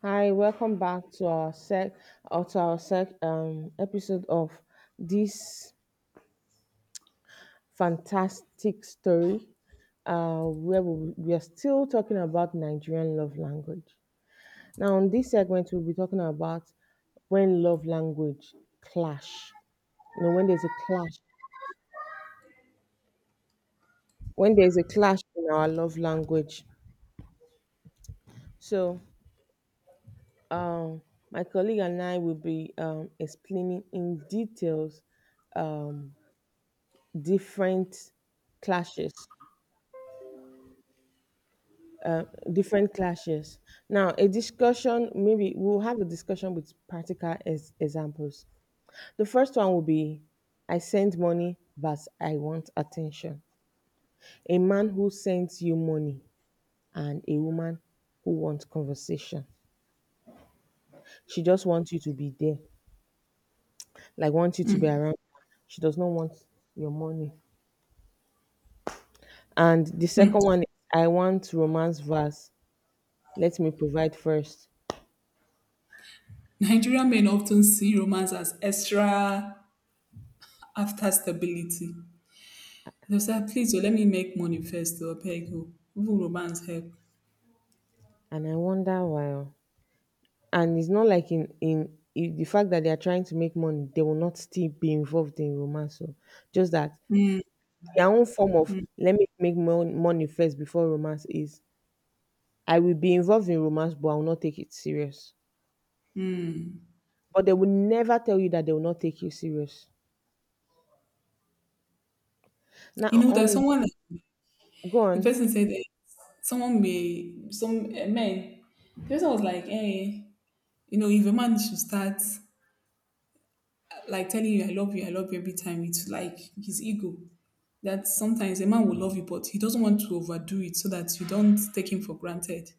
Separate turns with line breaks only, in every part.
Hi, welcome back to our sec or to our sec episode of this fantastic story, where we are still talking about Nigerian love language. Now, on this segment, we'll be talking about when love language clash. You know, when there's a clash, in our love language. So, um, my colleague and I will be explaining in details. um Different clashes, uh, different clashes now a discussion. Maybe we'll have a discussion with practical examples. The first one will be, I send money but I want attention. A man who sends you money and a woman who wants conversation. She just wants you to be there, like wants you to be around. She does not want your money. And the second one is, I want romance verse let me provide first.
Nigerian men often see romance as extra after stability. They say, please, oh, let me make money first, or beg you. Even romance help.
And I wonder why, oh. And it's not like in the fact that they are trying to make money, they will not still be involved in romance. So, just that their own form of let me make money first before romance is, I will be involved in romance, but I will not take it serious. But they will never tell you that they will not take you serious.
You
Now
know that
on,
someone, like,
go
the
on.
person said, someone may, some men, the person was like, hey, you know, if a man should start like telling you, I love you, I love you every time, it's like his ego. That sometimes a man will love you, but he doesn't want to overdo it so that you don't take him for granted.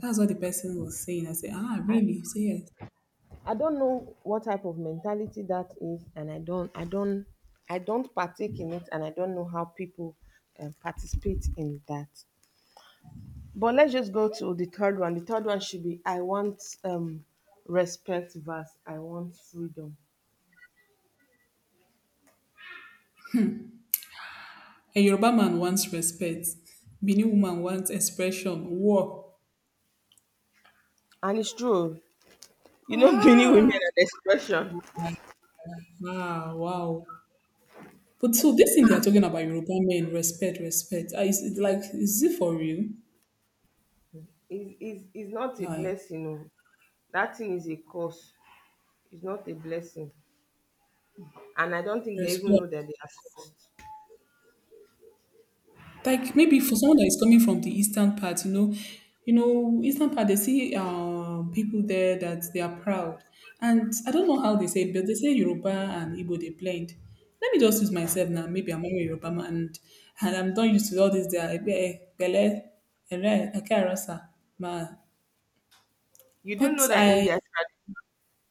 That's what the person was saying. I said, ah,
I
really? Say yes.
I don't know what type of mentality that is, and I don't partake in it, and I don't know how people participate in that. But let's just go to the third one. The third one should be, I want respect versus I want freedom.
A Yoruba man wants respect. Benin woman wants expression. War.
And it's true, oh. You know, many women
Ah.
and expression
Ah, wow. But so this thing they are talking about Yoruba men, respect, respect. Ah, is it like is it for real?
is not a
Like
blessing, oh. That thing is a curse. It's not a blessing. And I don't think they even
respect.
know that they are cursed.
Like maybe for someone that is coming from the eastern part, you know, eastern part they see people there that they are proud, and I don't know how they say, it, but they say Yoruba and Igbo they blend. Let me just use myself now. Maybe I'm a Yoruba man, and I'm not used to all this. There, Ebe, eh, Bele, Ere, Akerasa, ma.
You do
But
know that in
I
their tradition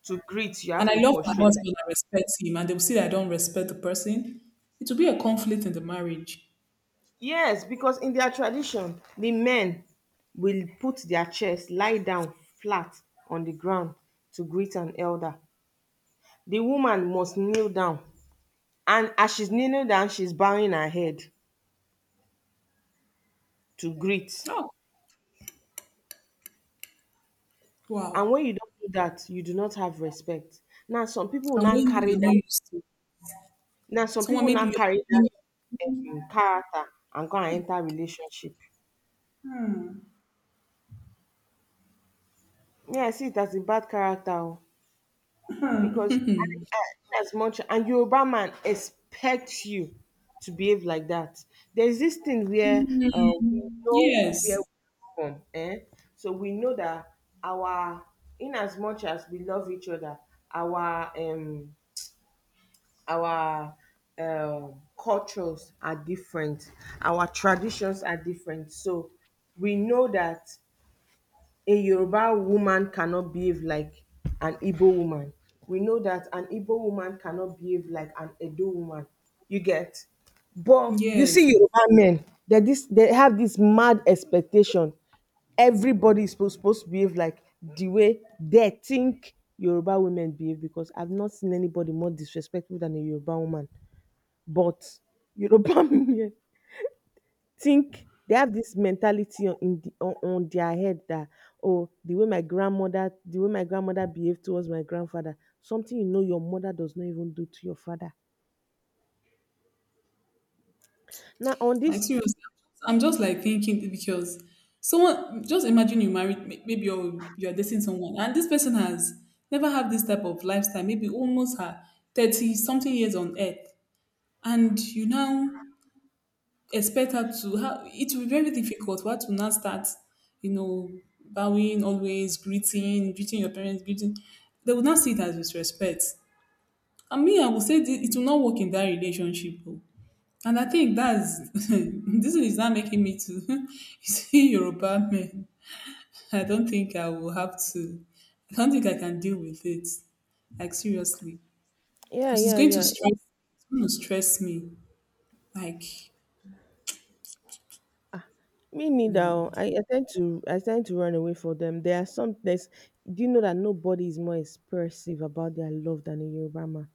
to greet, you
and
have
I
to
love my
prostrate, like
husband. I respect him, and they will see that I don't respect the person. It will be a conflict in the marriage.
yes, because in their tradition, the men will put their chest, lie down flat on the ground to greet an elder. The woman must kneel down, and as she's kneeling down, she's bowing her head to greet.
Oh, wow!
And when you don't do that, you do not have respect. Now some people will
And
not
when
carry
you're not
that.
used to,
Now some
someone
people will
maybe
not carry
you're,
that character and go and enter relationship. Yeah, I see it as a bad character, oh. Because as much and Yoruba man expects you to behave like that. There's this thing where we
mm,
know where we're
yes,
from, eh? So we know that our, in as much as we love each other, our our cultures are different, our traditions are different. So we know that a Yoruba woman cannot behave like an Igbo woman. We know that an Igbo woman cannot behave like an Edo woman. You get? But you
yes.
see Yoruba men, they have this mad expectation. Everybody is supposed to behave like the way they think Yoruba women behave, because I've not seen anybody more disrespectful than a Yoruba woman. But Yoruba men think they have this mentality on their head that, oh, the way my grandmother behaved towards my grandfather, something you know your mother does not even do to your father. Now on
Like
this,
seriously, I'm just like thinking because someone just imagine you married maybe you're dating someone and this person has never had this type of lifestyle, maybe almost her 30 something years on earth, and you now expect her to have, it will be very difficult for her to now start, you know, bowing always, greeting, greeting your parents, greeting. They would not see it as disrespect. And me, I will say it will not work in that relationship, oh. And I think that's, this is not making me to see Yoruba men. I don't think I will have to. I don't think I can deal with it. Like seriously,
yeah,
because it's
yeah,
going to
yeah,
stress. It's going to stress me. Like,
me neither,
you
oh. I tend to run away from them. There are some, there's, do you know that nobody is more expressive about their love than a Yoruba man?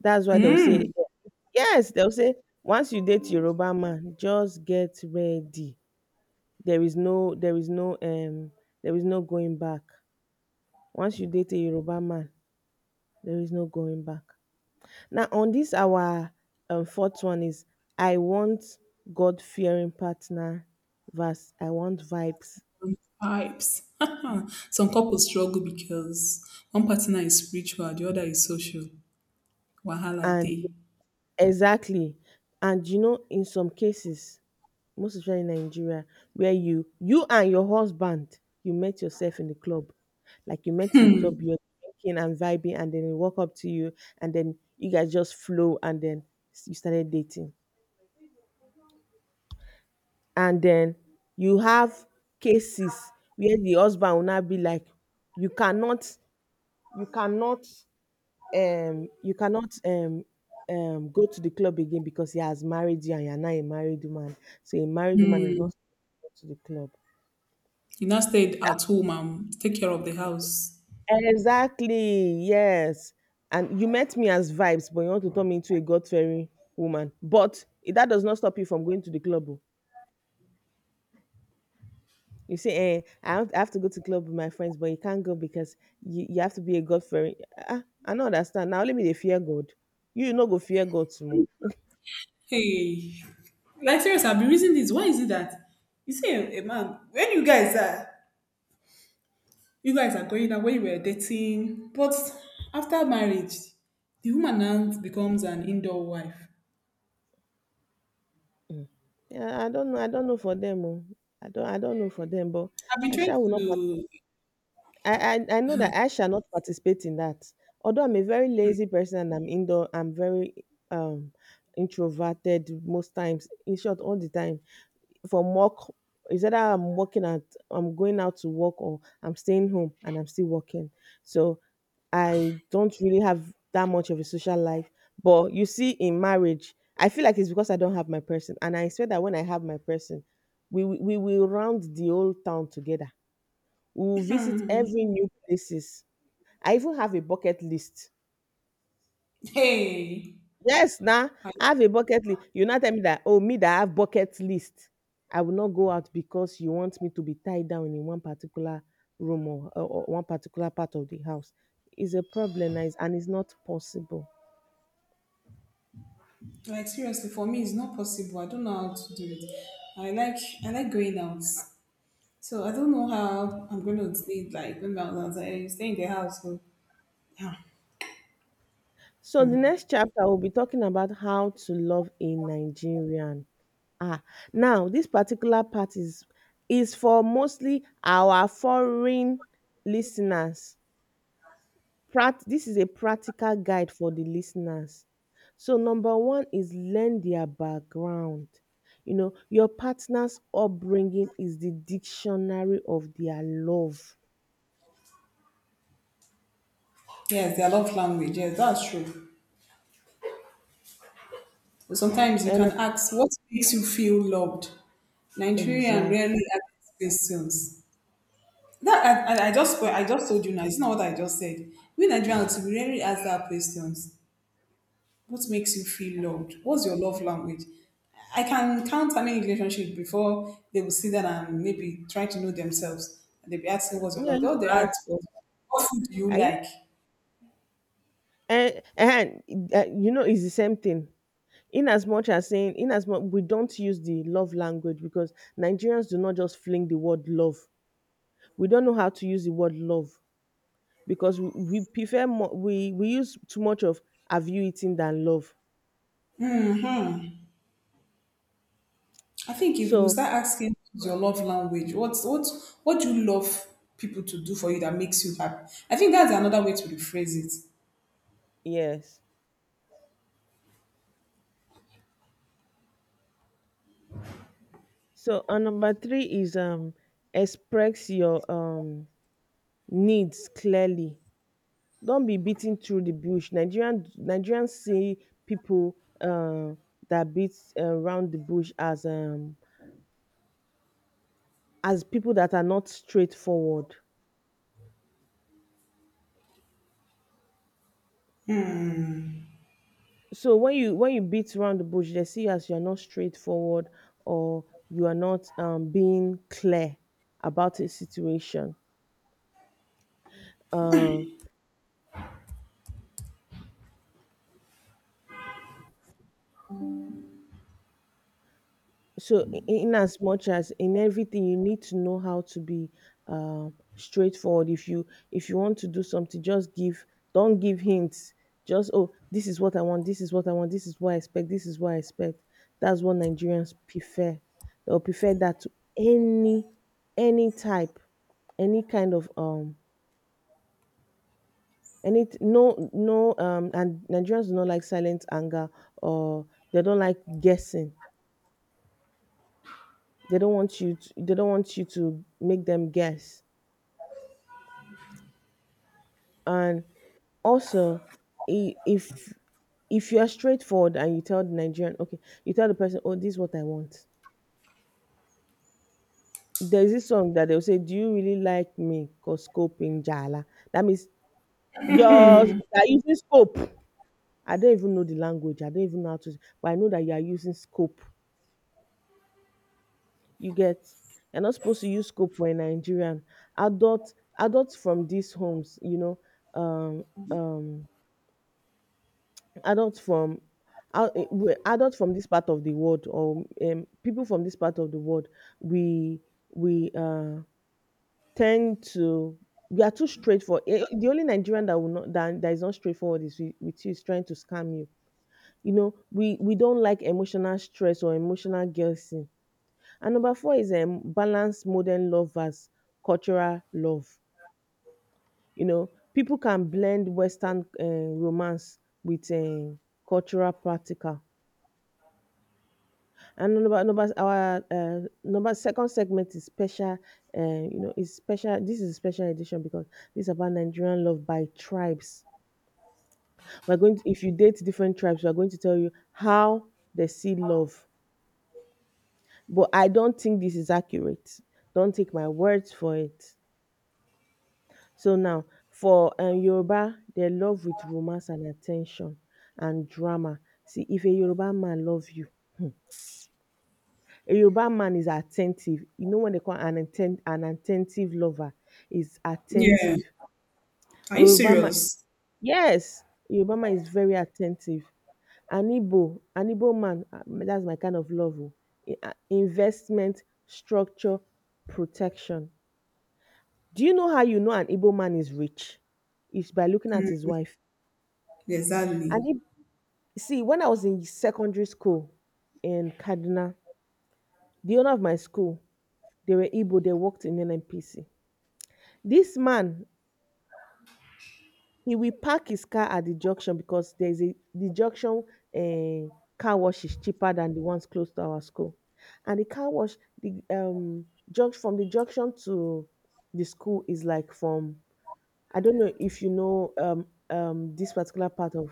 That's why they'll
know, hmm,
say, yes, they'll say, once you date Yoruba man, just get ready. There is no, there is no going back. Once you date a Yoruba man, there is no going back. Now on this our fourth one is, I want God fearing partner verse I want vibes.
vibes. Some couples struggle because one partner is spiritual, the other is social. Wahala
And
day.
exactly, and you know, in some cases, most especially in Nigeria, where you and your husband, you met yourself in the club. Like you met in the club, you're drinking and vibing, and then he walk up to you, and then you guys just flow, and then you started dating. And then you have cases where the husband will now be like, you cannot, you cannot, you cannot, go to the club again because he has married you and you're not a married woman. So a married woman is not supposed to go to the club.
You now stay at home and take care of the house.
Exactly, yes. And you met me as vibes, but you want to turn me into a God fearing woman. But that does not stop you from going to the club, oh. You say, eh, I have to go to club with my friends, but you can't go because you have to be a God fearing. Ah, I don't understand. Now let me dey fear God. You no go fear God tomorrow.
Hey. Like seriously, I've been reasoning this. Why is it that you see a man when you guys are going out when you were dating, but after marriage, the woman now becomes an indoor wife.
Mm. Yeah, I don't know. I don't know for them, oh. I don't know for them, but
I've been
I
trying
shall will not
to,
I know that I shall not participate in that. Although I'm a very lazy person and I'm indoor, I'm very um introverted most times. In short, all the time. For work, is either I'm going out to work, or I'm staying home and I'm still working. So I don't really have that much of a social life. But you see, in marriage, I feel like it's because I don't have my person, and I expect that when I have my person, we will round the whole town together. We will visit every new places. I even have a bucket list.
hey,
Yes, now
I,
I have a bucket list. You not tell me that, oh, me that I have bucket list, I will not go out because you want me to be tied down in one particular room, or one particular part of the house. It's a problem now, it's- and it's not possible.
like seriously for me it's not possible. I don't know how to do it. I like I like going out. So I don't know how I'm gonna sleep like going out. I stay in the house. So yeah.
So the next chapter will be talking about how to love a Nigerian. Ah, now this particular part is for mostly our foreign listeners. Prac This is a practical guide for the listeners. So number one is learn their background. You know, your partner's upbringing is the dictionary of their love.
Yes, their love language, yes, that's true. But sometimes you
And
can ask, what makes you feel loved? Nigerian
exactly.
rarely ask questions. That I just told you now. It's not what I just said. We Nigerians we rarely ask that questions. What makes you feel loved? What's your love language? I can count how many relationships before they will sit down and maybe try to know themselves. And they'll be asking what's your
Me, I
love.
used
All they
to
ask,
ask, oh,
what food do you
I u-
like?
and eh, you know, it's the same thing. In as much as saying, in as much we don't use the love language because Nigerians do not just fling the word love. We don't know how to use the word love. Because we prefer more, we use too much of have you eaten than love.
I think if we
So
start asking what's your love language, what do you love people to do for you that makes you happy? I think that's another way to rephrase it.
yes, so, and number three is, express your needs clearly. Don't be beating through the bush. Nigerians see people uh, that beat around the bush as people that are not straightforward. So when you, when you beat around the bush, they see as you're not straightforward, or you are not being clear about a situation. um, so, in as much as in everything, you need to know how to be straightforward. If you, if you want to do something, just give, don't give hints. Just, oh, this is what I want, this is what I expect, that's what Nigerians prefer. They'll prefer that to any any type any kind of And it, and Nigerians do not like silent anger, or they don't like guessing. They don't want you to make them guess. And also, i- if if you are straightforward and you tell the Nigerian, okay, you tell the person, oh, this is what I want. There's this song that they'll say, do you really like me? Cause scope in Jala. That means you're using scope. I don't even know the language. I don't even know how to, but I know that you are using scope. You get? You're not supposed to use scope for a Nigerian adult Adults from these homes, you know, um um adults from adults from this part of the world, or people from this part of the world, we we tend to, we are too straightforward. Eh, the only Nigerian that will not that is not straightforward with you is trying to scam you. You know, we don't like emotional stress or emotional guilt. And number four is, balance modern love as cultural love. You know, people can blend Western romance with cultural practical. And number number our number second segment is special. You know, is special. This is a special edition because this is about Nigerian love by tribes. We're going to, if you date different tribes, we're going to tell you how they see love. But I don't think this is accurate. Don't take my words for it. So now for Yoruba, they love with romance and attention and drama. See, if a Yoruba man love you, a Yoruba man is attentive. You know what they call an at lover? Is
Yeah.
attentive.
Are
A
you
Yoruba man,
serious?
yes, a Yoruba man is very attentive. An Igbo man, that's my kind of love, oh, in investment, structure, protection. Do you know how you know an Igbo man is rich? It's by looking at his wife. An
Exactly.
You see, when I was in secondary school in Kaduna, the owner of my school, they were Igbo, they worked in NNPC. This man, he will park his car at the junction because there's a the junction, eh, car wash is cheaper than the ones close to our school. And the car wash, the junction, to the school is like from, I don't know if you know this particular part of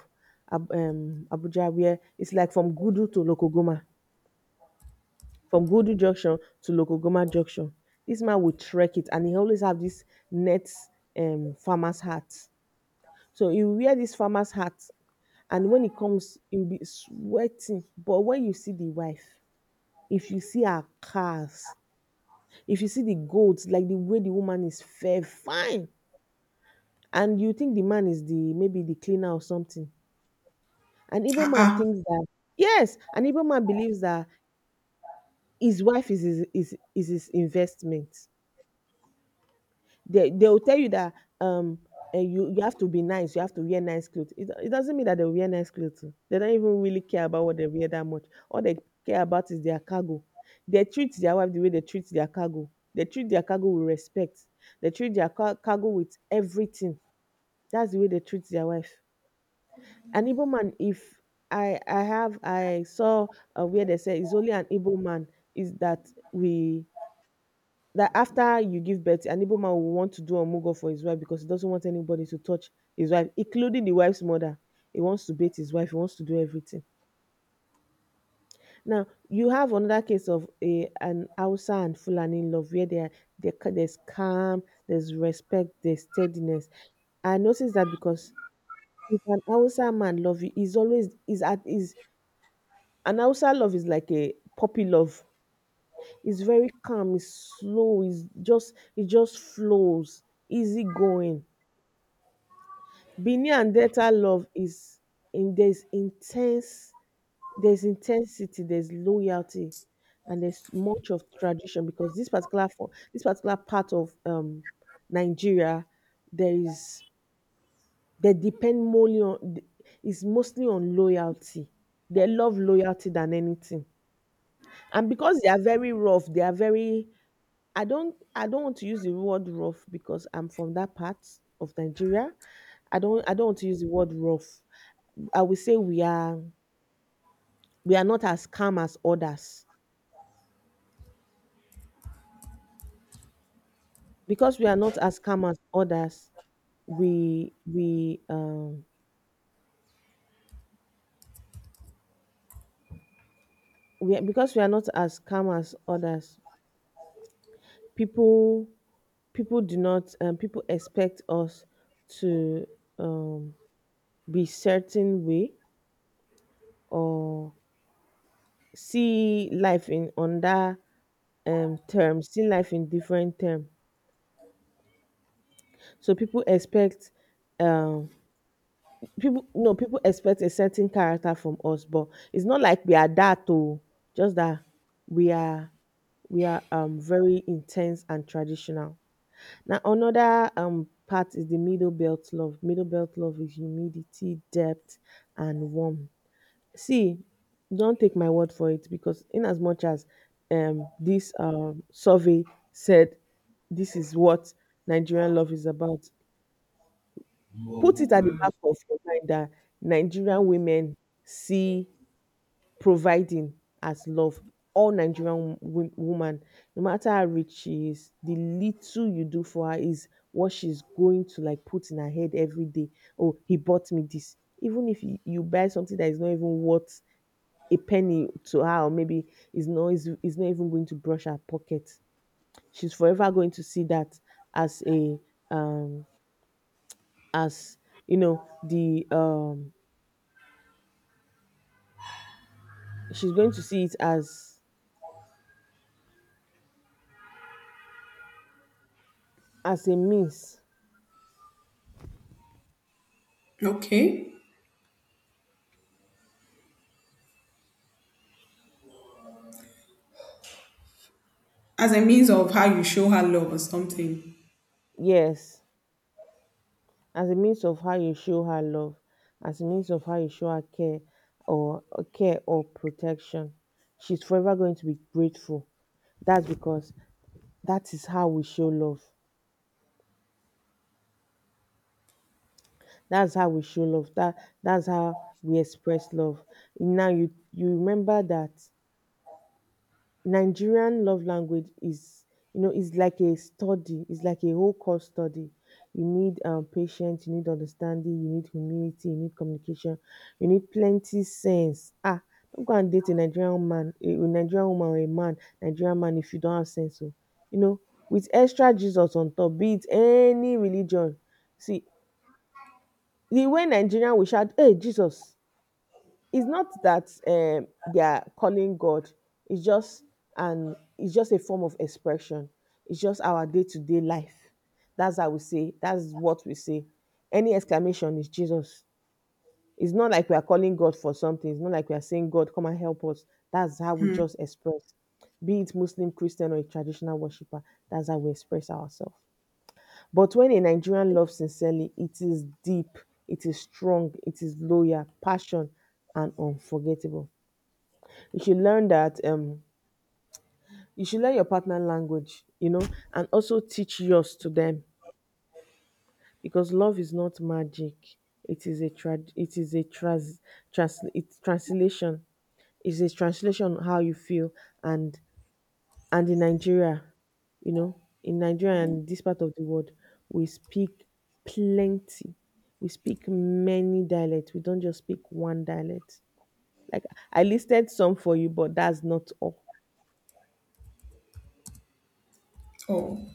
Abuja, where it's like from Gudu to Lokogoma, from Godu Junction to Lokogoma Junction. This man will trek it and he always have this net, farmer's hat. So he will wear this farmer's hat, and when he comes, he'll be sweating. But when you see the wife, if you see her cars, if you see the goats, like the way the woman is fair, fine. And you think the man is the maybe the cleaner or something. An Igbo
Ah,
man
ah.
thinks that Yes, an Igbo man believes that his wife is his investment. They will tell you that um you have to be nice. You have to wear nice clothes. It doesn't mean that they wear nice clothes, oh. They don't even really care about what they wear that much. All they care about is their cargo. They treat their wife the way they treat their cargo. They treat their cargo with respect. They treat their cargo with everything. That's the way they treat their wife. An Igbo man, if I I have I saw where they say it's only an Igbo man is that we that after you give birth, an Igbo man will want to do omugo for his wife because he doesn't want anybody to touch his wife, including the wife's mother. He wants to beat his wife. He wants to do everything. Now you have another case of a an Hausa and Fulani in love where there's calm, there's respect, there's steadiness. I notice that because if an Hausa man love you, he's always is at is an Hausa love is like a puppy love. It's very calm, it's slow, it just flows, easy going. Benin and Delta love is in there's intense there's intensity, there's loyalty, and there's much of tradition because this particular part of Nigeria, there is they depend mostly on, is mostly on loyalty. They love loyalty than anything, and because they are very rough, they are very. I don't want to use the word rough because I'm from that part of Nigeria. I don't want to use the word rough. I would say we are, we are not as calm as others. Because we are not as calm as others, we we um because we are not as calm as others, people people do not people expect us to um be certain way, or see life in under terms, see life in different terms. So people expect um people no people expect a certain character from us, but it's not like we are that, oh, just that we are, we are very intense and traditional. Now another part is the middle belt love. Middle belt love is humidity, depth, and warmth. See, don't take my word for it, because in as much as this survey said this is what Nigerian love is about, put it at the back of your mind that Nigerian women see providing as love. All Nigerian woman, no matter how rich she is, the little you do for her is what she's going to like put in her head every day. Oh, he bought me this. Even if you buy something that is not even worth a penny to her, or maybe is not is, is not even going to brush her pocket, she's forever going to see that as a, um as you know, the she's going to see it as a means.
Okay. As a means of how you show her love or something.
Yes, as a means of how you show her love, as a means of how you show her care, or care or protection. She's forever going to be grateful. That's because that is how we show love. That's how we show love, that's how we express love. Now you remember that Nigerian love language is, you know, is like a study, it's like a whole course study. You need patience, you need understanding, you need humility, you need communication, you need plenty sense. Ah, don't go and date a Nigerian man, a Nigerian woman or a man, Nigerian man, if you don't have sense, oh. You know, with extra Jesus on top, be it any religion. See, the way Nigerian will shout, hey, Jesus, it's not that they are calling God. It's just an it's just a form of expression. It's just our day to day life. That's how we say. That's what we say. Any exclamation is Jesus. It's not like we are calling God for something. It's not like we are saying God, come and help us. That's how we just express. Be it Muslim, Christian, or a traditional worshiper. That's how we express ourselves. But when a Nigerian loves sincerely, it is deep, it is strong, it is loyal, passion, and unforgettable. You should learn that you should learn your partner language, you know, and also teach yours to them, because love is not magic. It is a trad it is a trans trans it's translation. It's a translation on how you feel. and and in Nigeria, you know, in Nigeria and this part of the world, we speak plenty. We speak many dialects. We don't just speak one dialect. Like I listed some for you, but that's not all.
Oh,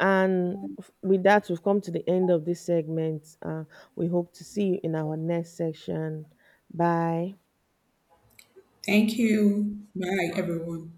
And with that, we've come to the end of this segment. We hope to see you in our next section. Bye.
thank you. Bye, everyone.